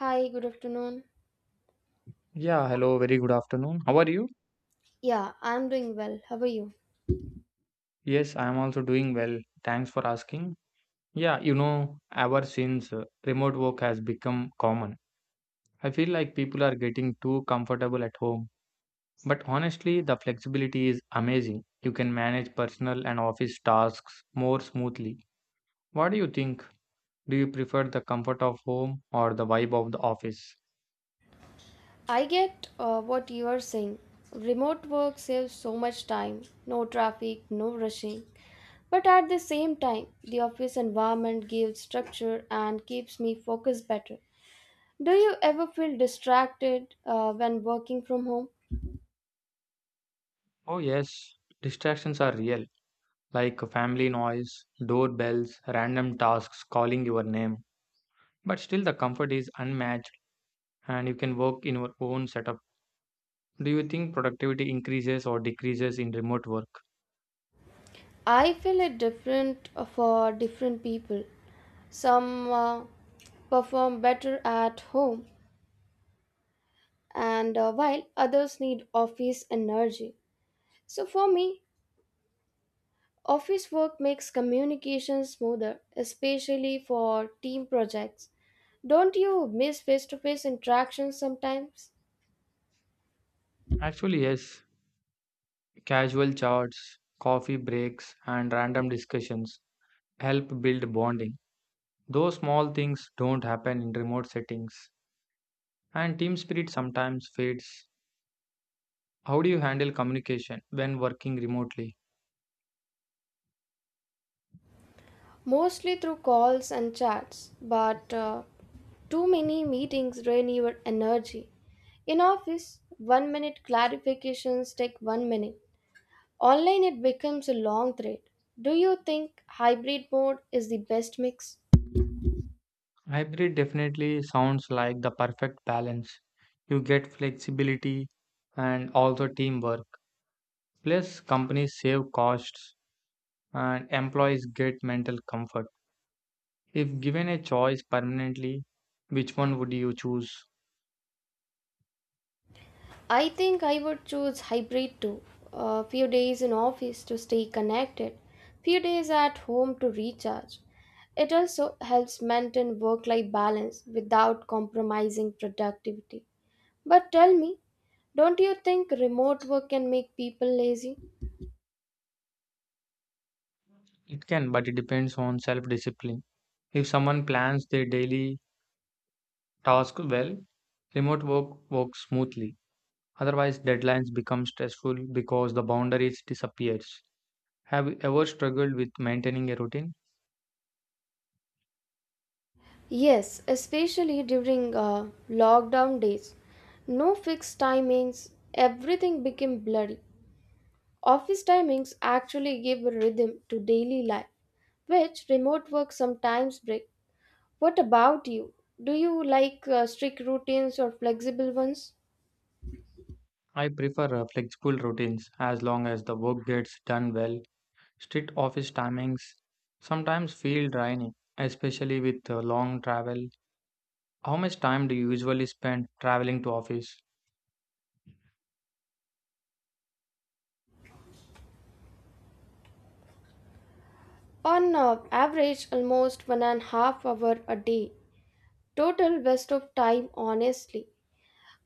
Hi, good afternoon. Yeah, hello, very good afternoon. How are you? Yeah, I'm doing well. How are you? Yes, I am also doing well. Thanks for asking. Yeah, you know, ever since remote work has become common, I feel like people are getting too comfortable at home. But honestly, the flexibility is amazing. You can manage personal and office tasks more smoothly. What do you think? Do you prefer the comfort of home or the vibe of the office? I get what you are saying. Remote work saves so much time, no traffic, no rushing. But at the same time, the office environment gives structure and keeps me focused better. Do you ever feel distracted when working from home? Oh, yes, distractions are real, like family noise, doorbells, random tasks calling your name. But still, the comfort is unmatched and you can work in your own setup. Do you think productivity increases or decreases in remote work? I feel it different for different people. Some perform better at home, and while others need office energy. So for me, office work makes communication smoother, especially for team projects. Don't you miss face to face interactions sometimes? Actually, yes. Casual chats, coffee breaks, and random discussions help build bonding. Those small things don't happen in remote settings, and team spirit sometimes fades. How do you handle communication when working remotely? Mostly through calls and chats, but too many meetings drain your energy. In office, 1 minute clarifications take 1 minute. Online, it becomes a long thread. Do you think hybrid mode is the best mix? Hybrid definitely sounds like the perfect balance. You get flexibility and also teamwork. Plus, companies save costs and employees get mental comfort. If given a choice permanently, which one would you choose? I think I would choose hybrid too. A few days in office to stay connected, few days at home to recharge. It also helps maintain work life balance without compromising productivity. But tell me, don't you think remote work can make people lazy? It can, but it depends on self discipline. If someone plans their daily task well, remote work works smoothly. Otherwise, deadlines become stressful because the boundaries disappears. Have you ever struggled with maintaining a routine? Yes, especially during lockdown days. No fixed timings, everything became blurry. Office timings actually give a rhythm to daily life, which remote work sometimes break. What about you? Do you like strict routines or flexible ones? I prefer flexible routines as long as the work gets done well. Strict office timings sometimes feel draining, especially with long travel. How much time do you usually spend traveling to office? On average, almost 1.5 hour a day. Total waste of time, honestly.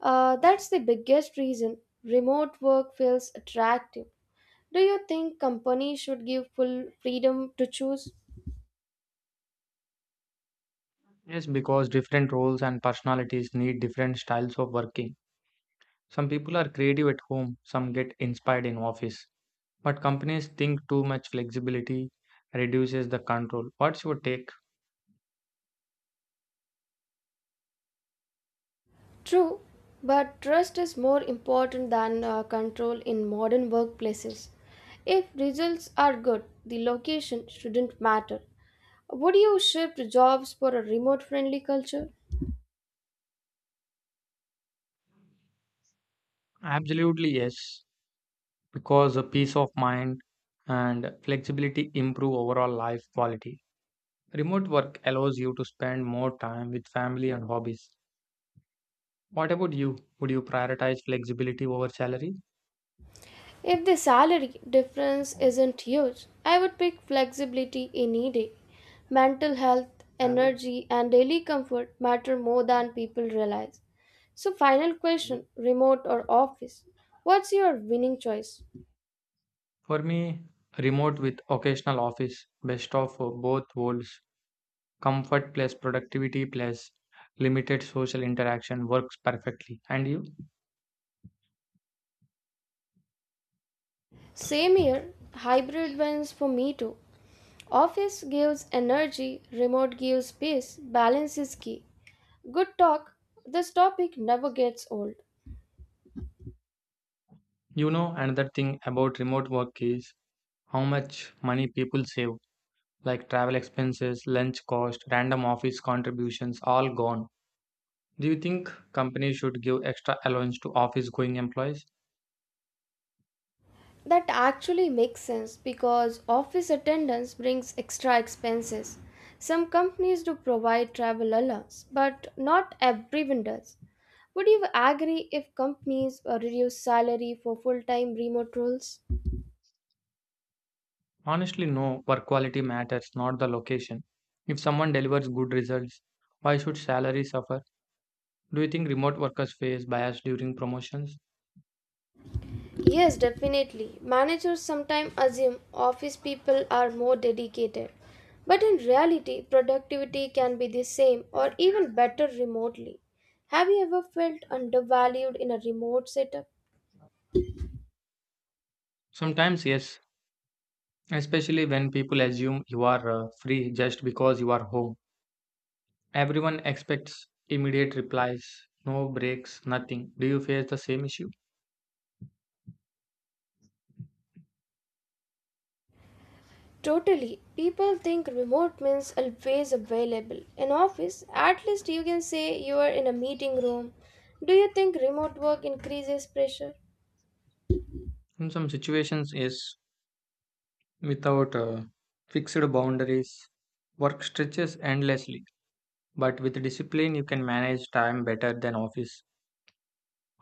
That's the biggest reason remote work feels attractive. Do you think companies should give full freedom to choose? Yes, because different roles and personalities need different styles of working. Some people are creative at home, some get inspired in office. But companies think too much flexibility reduces the control. What's your take? True, but trust is more important than control in modern workplaces. If results are good, the location shouldn't matter. Would you shift jobs for a remote friendly culture? Absolutely, yes, because a peace of mind and flexibility improve overall life quality. Remote work allows you to spend more time with family and hobbies. What about you? Would you prioritize flexibility over salary? If the salary difference isn't huge, I would pick flexibility any day. Mental health, energy, and daily comfort matter more than people realize. So, final question, remote or office? What's your winning choice? For me, remote with occasional office, best of both worlds. Comfort plus productivity plus limited social interaction works perfectly. And you? Same here, hybrid wins for me too. Office gives energy, remote gives peace, balance is key. Good talk, this topic never gets old. You know, another thing about remote work is how much money people save, like travel expenses, lunch cost, random office contributions, all gone. Do you think companies should give extra allowance to office going employees? That actually makes sense because office attendance brings extra expenses. Some companies do provide travel allowance, but not everyone does. Would you agree if companies reduce salary for full time remote roles? Honestly, no, work quality matters, not the location. If someone delivers good results, why should salary suffer? Do you think remote workers face bias during promotions? Yes, definitely. Managers sometimes assume office people are more dedicated, but in reality, productivity can be the same or even better remotely. Have you ever felt undervalued in a remote setup? Sometimes, yes, especially when people assume you are free just because you are home. Everyone expects immediate replies, no breaks, nothing. Do you face the same issue? Totally. People think remote means always available. In office, at least you can say you are in a meeting room. Do you think remote work increases pressure? In some situations, yes. Without fixed boundaries, work stretches endlessly, but with discipline, you can manage time better than office.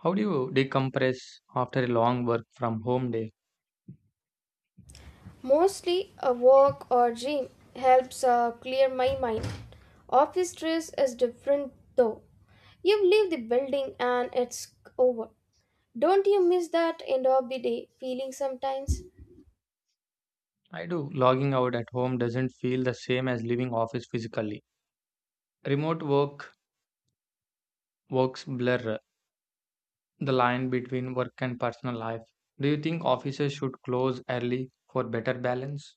How do you decompress after a long work from home day? Mostly a walk or gym helps clear my mind. Office stress is different though. You leave the building and it's over. Don't you miss that end of the day feeling sometimes? I do. Logging out at home doesn't feel the same as leaving office physically. Remote work works blur the line between work and personal life. Do you think offices should close early for better balance?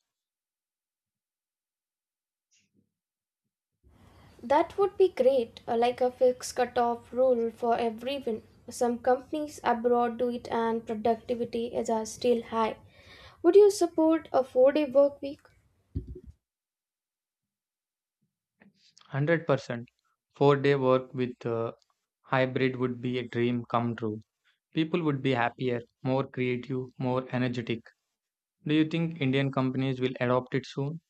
That would be great, like a fixed cutoff rule for everyone. Some companies abroad do it and productivity is still high. Would you support a 4 day work week? 100%. 4 day work with hybrid would be a dream come true. People would be happier, more creative, more energetic. Do you think Indian companies will adopt it soon?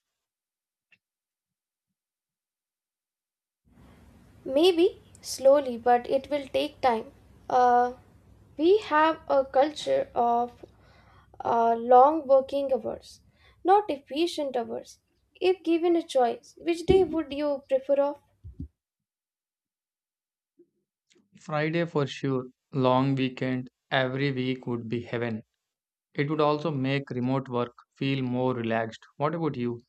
Maybe slowly, but it will take time. Uh, we have a culture of long working hours, not efficient hours. If given a choice, which day would you prefer off? Friday for sure, long weekend, every week would be heaven. It would also make remote work feel more relaxed. What about you?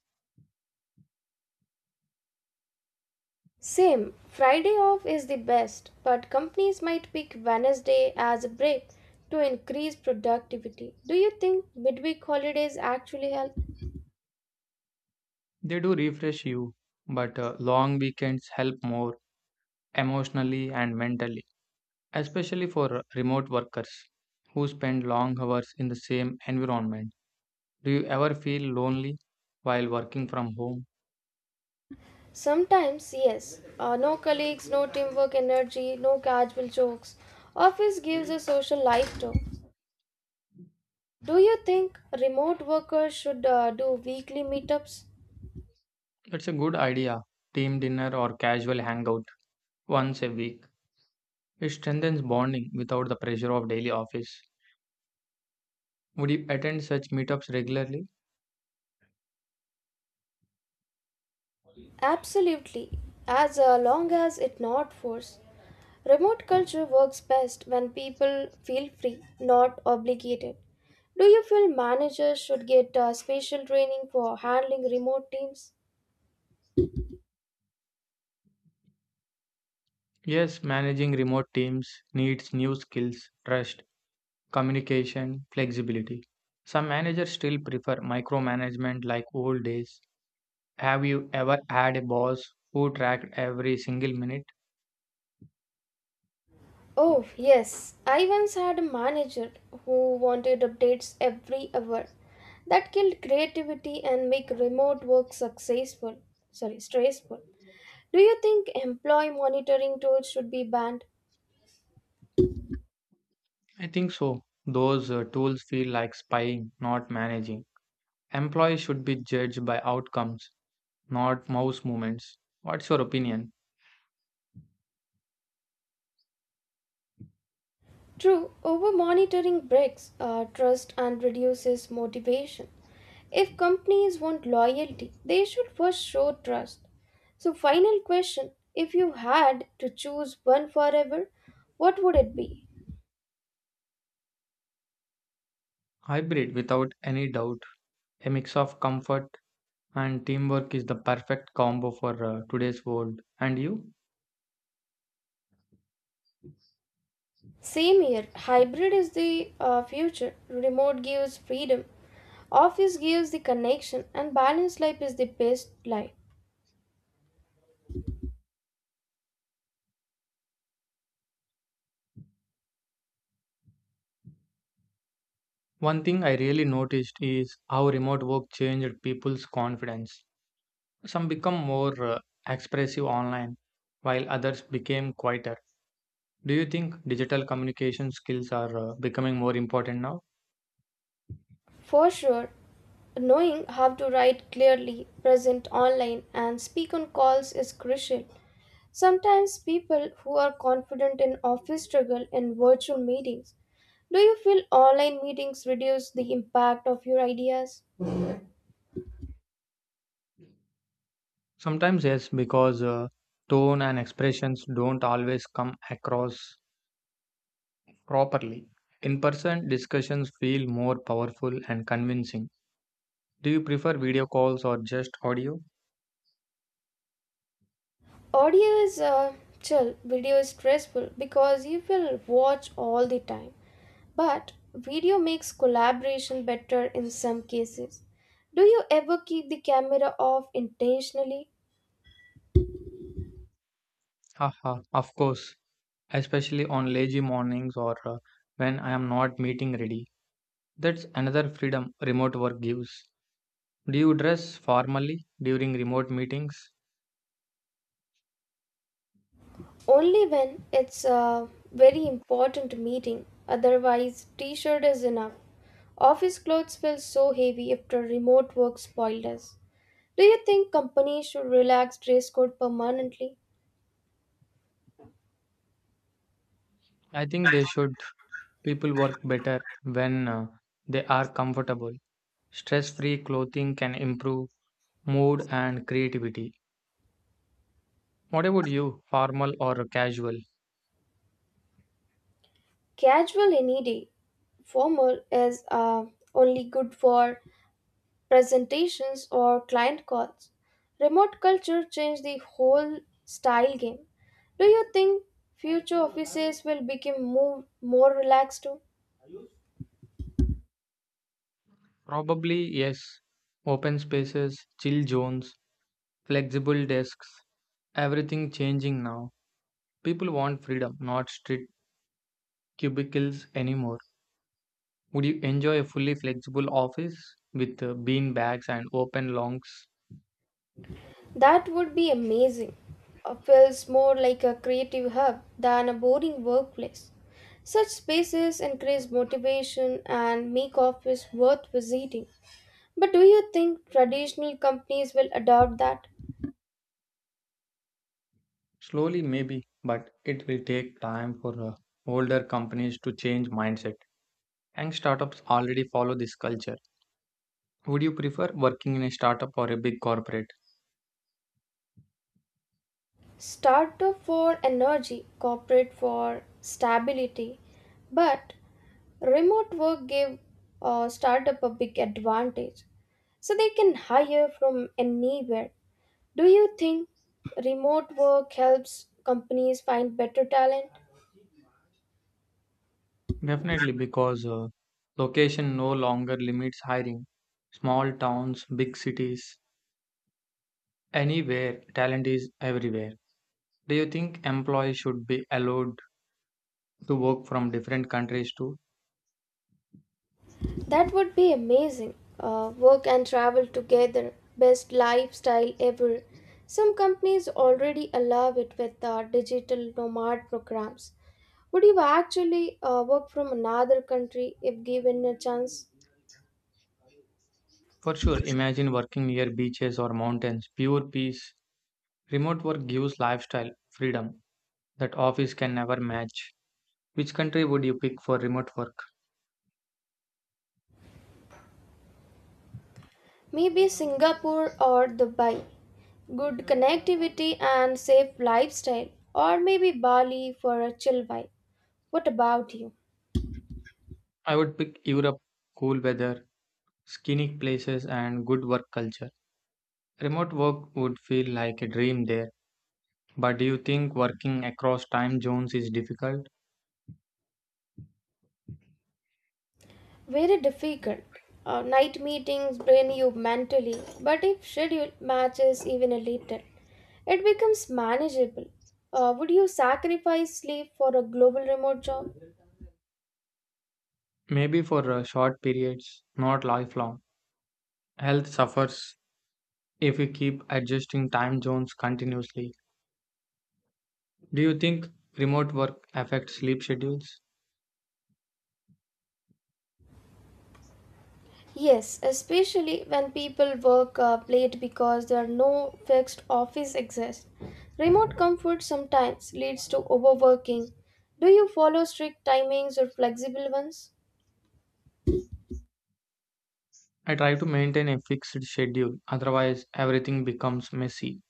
Same, Friday off is the best, but companies might pick Wednesday as a break to increase productivity. Do you think midweek holidays actually help? They do refresh you, but long weekends help more emotionally and mentally, especially for remote workers who spend long hours in the same environment. Do you ever feel lonely while working from home? Sometimes, yes. No colleagues, no teamwork energy, no casual jokes. Office gives a social life too. Do you think remote workers should do weekly meetups? That's a good idea. Team dinner or casual hangout once a week. It strengthens bonding without the pressure of daily office. Would you attend such meetups regularly? Absolutely, as long as it not forced. Remote culture works best when people feel free, not obligated. Do you feel managers should get special training for handling remote teams? Yes, managing remote teams needs new skills, trust, communication, flexibility. Some managers still prefer micromanagement like old days. Have you ever had a boss who tracked every single minute? Oh, yes. I once had a manager who wanted updates every hour. That killed creativity and make remote work successful. Sorry, stressful. Do you think employee monitoring tools should be banned? I think so. Those tools feel like spying, not managing. Employees should be judged by outcomes, not mouse movements. What's your opinion? True, over monitoring breaks trust and reduces motivation. If companies want loyalty, they should first show trust. So, final question, if you had to choose one forever, what would it be? Hybrid, without any doubt, a mix of comfort and teamwork is the perfect combo for today's world. And you? Same here. Hybrid is the future. Remote gives freedom. Office gives the connection, and balanced life is the best life. One thing I really noticed is how remote work changed people's confidence. Some become more expressive online, while others became quieter. Do you think digital communication skills are becoming more important now? For sure, knowing how to write clearly, present online, and speak on calls is crucial. Sometimes people who are confident in office struggle in virtual meetings. Do you feel online meetings reduce the impact of your ideas? Sometimes, yes, because tone and expressions don't always come across properly. In person, discussions feel more powerful and convincing. Do you prefer video calls or just audio? Audio is chill, video is stressful because you will watch all the time. But video makes collaboration better in some cases. Do you ever keep the camera off intentionally? Haha, of course, especially on lazy mornings or when I am not meeting ready. That's another freedom remote work gives. Do you dress formally during remote meetings? Only when it's a very important meeting, otherwise, t shirt is enough. Office clothes feel so heavy after remote work spoiled us. Do you think companies should relax dress code permanently? I think they should. People work better when they are comfortable. Stress free clothing can improve mood and creativity. What about you, formal or casual? Casual any day. Formal is only good for presentations or client calls. Remote culture changed the whole style game. Do you think future offices will become more relaxed too? Probably yes. Open spaces, chill zones, flexible desks, everything changing now. People want freedom, not strict cubicles anymore. Would you enjoy a fully flexible office with bean bags and open longs? That would be amazing. Feels more like a creative hub than a boring workplace. Such spaces increase motivation and make office worth visiting. But do you think traditional companies will adopt that? Slowly, maybe, but it will take time for older companies to change mindset. And startups already follow this culture. Would you prefer working in a startup or a big corporate? Startup for energy, corporate for stability, but remote work gave startup a big advantage. So they can hire from anywhere. Do you think remote work helps companies find better talent? Definitely, because location no longer limits hiring. Small towns, big cities, anywhere, talent is everywhere. Do you think employees should be allowed to work from different countries too? That would be amazing. Work and travel together, best lifestyle ever. Some companies already allow it with digital nomad programs. Would you actually work from another country if given a chance? For sure, imagine working near beaches or mountains, pure peace. Remote work gives lifestyle, freedom that office can never match. Which country would you pick for remote work? Maybe Singapore or Dubai. Good connectivity and safe lifestyle, or maybe Bali for a chill vibe. What about you? I would pick Europe, cool weather, scenic places, and good work culture. Remote work would feel like a dream there, but do you think working across time zones is difficult? Very difficult. Night meetings drain you mentally, but if schedule matches even a little, it becomes manageable. Would you sacrifice sleep for a global remote job? Maybe for short periods, not lifelong. Health suffers if we keep adjusting time zones continuously. Do you think remote work affects sleep schedules? Yes, especially when people work late because there are no fixed office exists. Remote comfort sometimes leads to overworking. Do you follow strict timings or flexible ones? I try to maintain a fixed schedule, otherwise, everything becomes messy.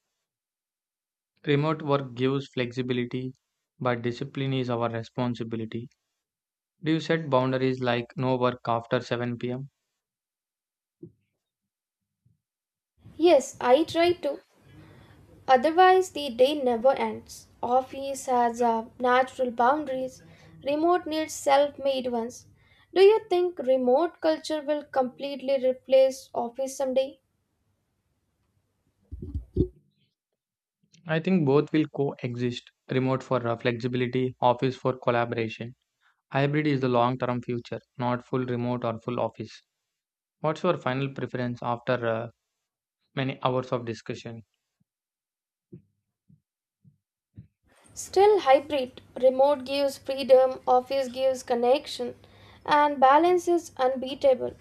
Remote work gives flexibility, but discipline is our responsibility. Do you set boundaries like no work after 7 p.m.? Yes, I try to. Otherwise, the day never ends. Office has natural boundaries, remote needs self made ones. Do you think remote culture will completely replace office someday? I think both will coexist remote for flexibility, office for collaboration. Hybrid is the long term future, not full remote or full office. What's your final preference after many hours of discussion? Still hybrid, remote gives freedom, office gives connection, and balance is unbeatable.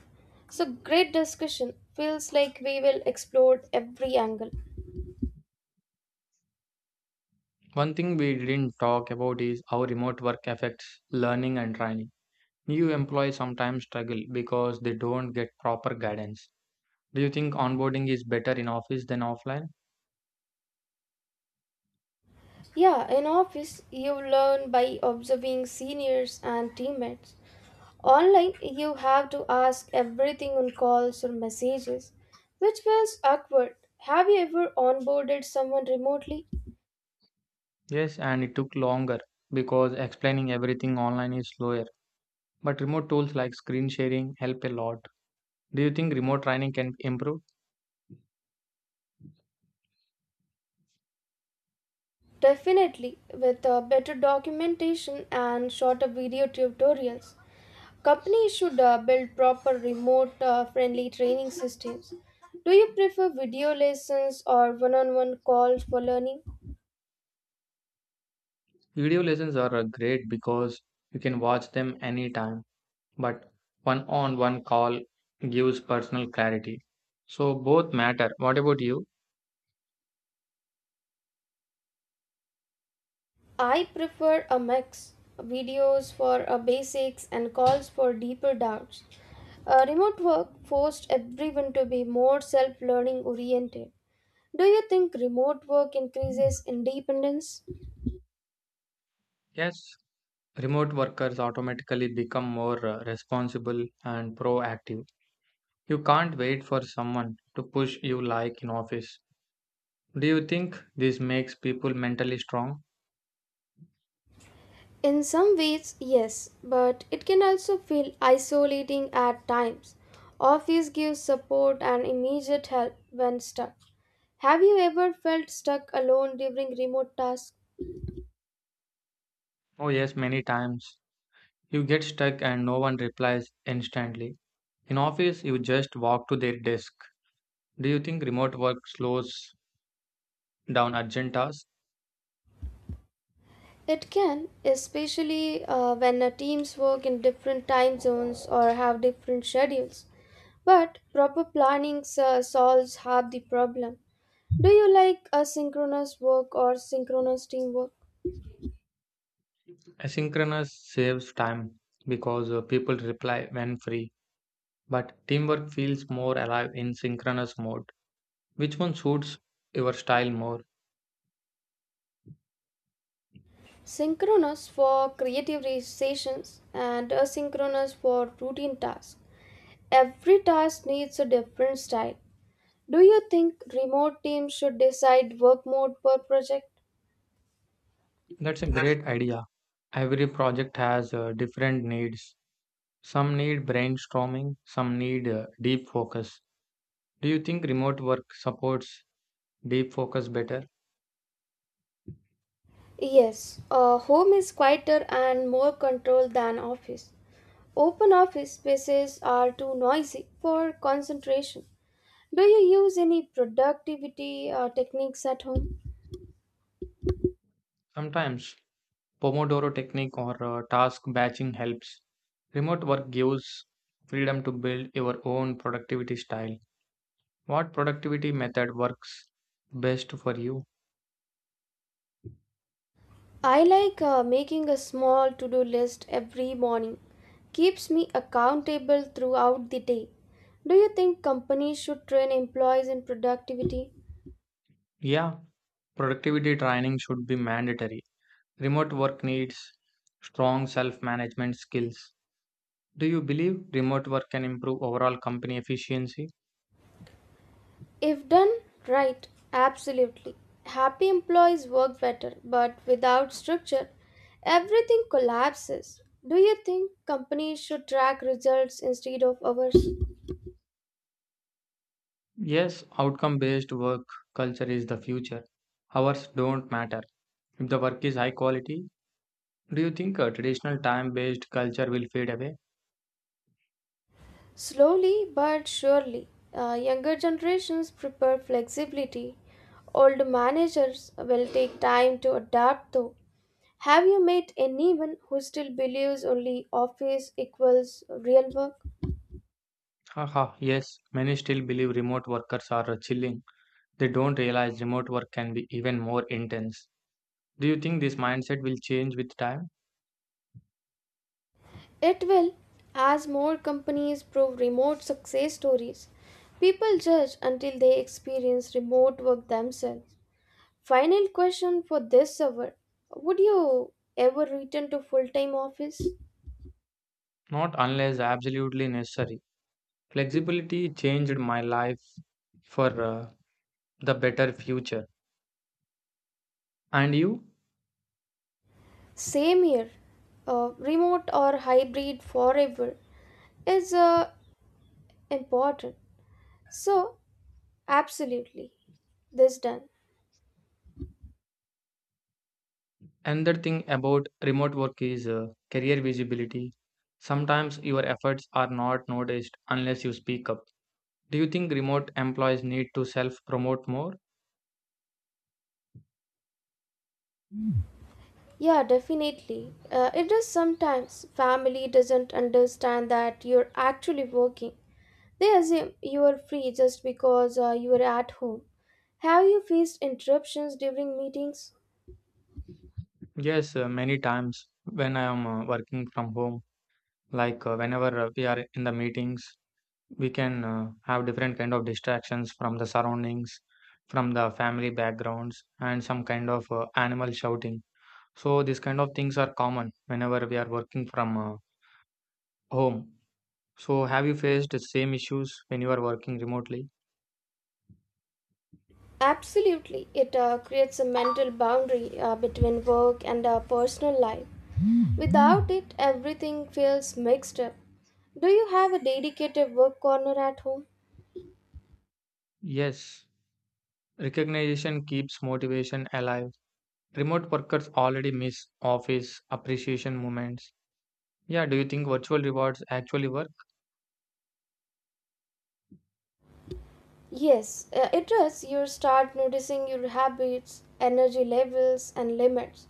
So, great discussion. Feels like we will explore every angle. One thing we didn't talk about is how remote work affects learning and training. New employees sometimes struggle because they don't get proper guidance. Do you think onboarding is better in office than offline? Yeah, in office, you learn by observing seniors and teammates. Online, you have to ask everything on calls or messages, which was awkward. Have you ever onboarded someone remotely? Yes, and it took longer because explaining everything online is slower. But remote tools like screen sharing help a lot. Do you think remote training can improve? Definitely, with better documentation and shorter video tutorials. Companies should build proper remote friendly training systems. Do you prefer video lessons or one on one calls for learning? Video lessons are great because you can watch them anytime, but one on one call gives personal clarity. So both matter. What about you? I prefer a mix, videos for basics and calls for deeper doubts. Remote work forced everyone to be more self learning oriented. Do you think remote work increases independence? Yes, remote workers automatically become more responsible and proactive. You can't wait for someone to push you like in office. Do you think this makes people mentally strong? In some ways, yes, but it can also feel isolating at times. Office gives support and immediate help when stuck. Have you ever felt stuck alone during remote tasks? Oh, yes, many times. You get stuck and no one replies instantly. In office, you just walk to their desk. Do you think remote work slows down urgent tasks? It can, especially when teams work in different time zones or have different schedules. But proper planning solves half the problem. Do you like asynchronous work or synchronous teamwork? Asynchronous saves time because people reply when free, but teamwork feels more alive in synchronous mode. Which one suits your style more? Synchronous for creative sessions and asynchronous for routine tasks. Every task needs a different style. Do you think remote teams should decide work mode per project? That's a great idea. Every project has different needs. Some need brainstorming, some need deep focus. Do you think remote work supports deep focus better? Yes, home is quieter and more controlled than office. Open office spaces are too noisy for concentration. Do you use any productivity techniques at home? Sometimes Pomodoro technique or task batching helps. Remote work gives freedom to build your own productivity style. What productivity method works best for you? I like making a small to do list every morning. Keeps me accountable throughout the day. Do you think companies should train employees in productivity? Yeah, productivity training should be mandatory. Remote work needs strong self management skills. Do you believe remote work can improve overall company efficiency? If done right, absolutely. Happy employees work better, but without structure, everything collapses. Do you think companies should track results instead of hours? Yes, outcome based work culture is the future. Hours don't matter. If the work is high quality, do you think traditional time based culture will fade away? Slowly but surely, younger generations prefer flexibility. Old managers will take time to adapt, though. Have you met anyone who still believes only office equals real work? Haha, yes, many still believe remote workers are chilling. They don't realize remote work can be even more intense. Do you think this mindset will change with time? It will, as more companies prove remote success stories. People judge until they experience remote work themselves. Final question for this hour, would you ever return to full time office? Not unless absolutely necessary. Flexibility changed my life for the better future. And you? Same here. Remote or hybrid forever is important. So, absolutely, this done. Another thing about remote work is career visibility. Sometimes your efforts are not noticed unless you speak up. Do you think remote employees need to self promote more? Yeah, definitely. It is sometimes family doesn't understand that you're actually working. They assume you are free just because you are at home. Have you faced interruptions during meetings? Yes, many times when I am working from home, like whenever we are in the meetings, we can have different kind of distractions from the surroundings, from the family backgrounds, and some kind of animal shouting. So these kind of things are common whenever we are working from home. So have you faced the same issues when you are working remotely? Absolutely. It creates a mental boundary between work and personal life. Without it, everything feels mixed up. Do you have a dedicated work corner at home? Yes, recognition keeps motivation alive. Remote workers already miss office appreciation moments. Yeah, do you think virtual rewards actually work? Yes, it does. You start noticing your habits, energy levels, and limits.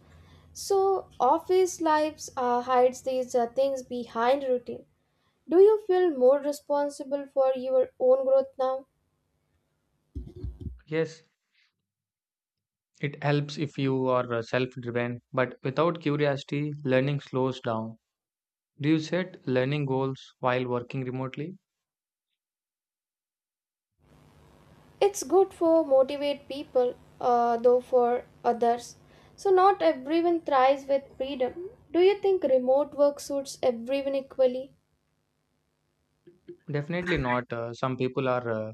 So, office lives hides these things behind routine. Do you feel more responsible for your own growth now? Yes, it helps if you are self-driven, but without curiosity, learning slows down. Do you set learning goals while working remotely? It's good for motivate people, though for others. So not everyone thrives with freedom. Do you think remote work suits everyone equally? Definitely not. Some people are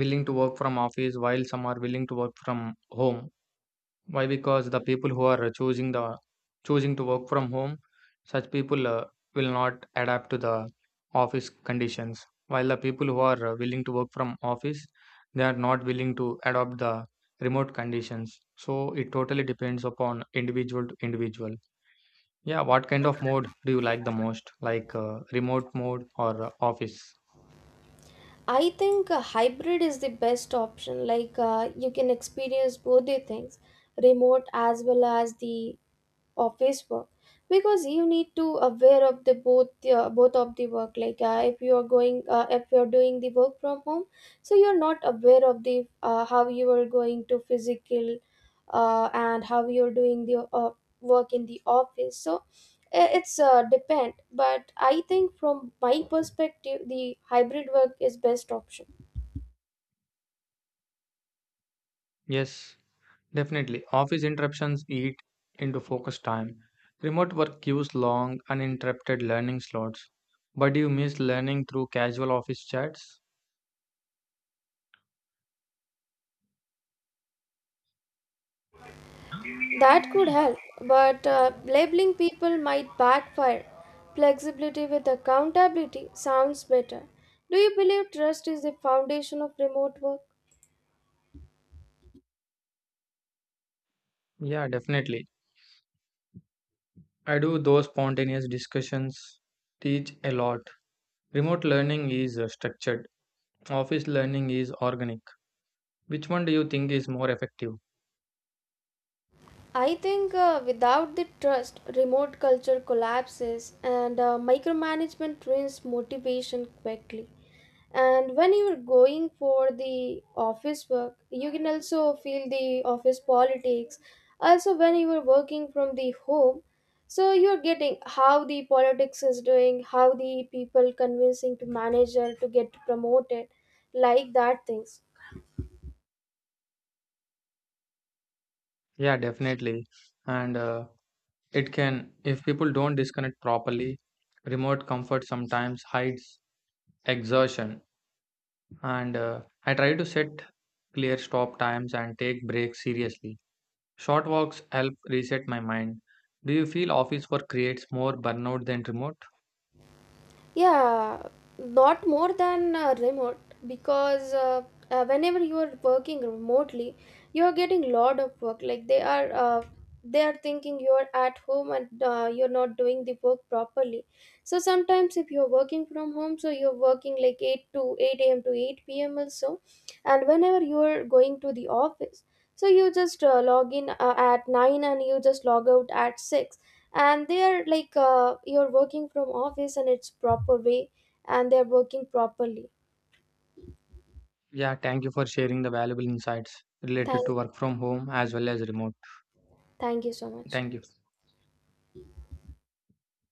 willing to work from office while some are willing to work from home. Why? Because the people who are choosing to work from home, such people will not adapt to the office conditions. While the people who are willing to work from office, they are not willing to adopt the remote conditions. So it totally depends upon individual to individual. Yeah, what kind of mode do you like the most? Like remote mode or office? I think a hybrid is the best option. Like you can experience both the things, remote as well as the office work, because you need to aware of the both of the work. Like if you are going, if you are doing the work from home, so you are not aware of the how you are going to physical and how you're doing the work in the office. So it's depend, but I think from my perspective, the hybrid work is best option. Yes. Definitely, office interruptions eat into focus time. Remote work gives long, uninterrupted learning slots. But you miss learning through casual office chats? That could help, but labeling people might backfire. Flexibility with accountability sounds better. Do you believe trust is the foundation of remote work? Yeah, definitely. I do those spontaneous discussions, teach a lot. Remote learning is structured, office learning is organic. Which one do you think is more effective? I think without the trust, remote culture collapses, and micromanagement ruins motivation quickly. And when you're going for the office work, you can also feel the office politics. Also, when you are working from the home, so you're getting how the politics is doing, how the people convincing to manager to get promoted, like that things. Yeah, definitely. And it can, if people don't disconnect properly, remote comfort sometimes hides exhaustion. And I try to set clear stop times and take breaks seriously. Short walks help reset my mind. Do you feel office work creates more burnout than remote? Yeah, not more than remote, because whenever you are working remotely, you are getting lot of work. Like they are thinking you are at home and you're not doing the work properly. So sometimes if you're working from home, so you're working like 8 to 8 a.m. to 8 p.m. also, and whenever you're going to the office, so you just log in at nine and you just log out at six, and they are like you're working from office and it's proper way, and they're working properly. Yeah, thank you for sharing the valuable insights related thank to work from home as well as remote. thank you so much. Thank you.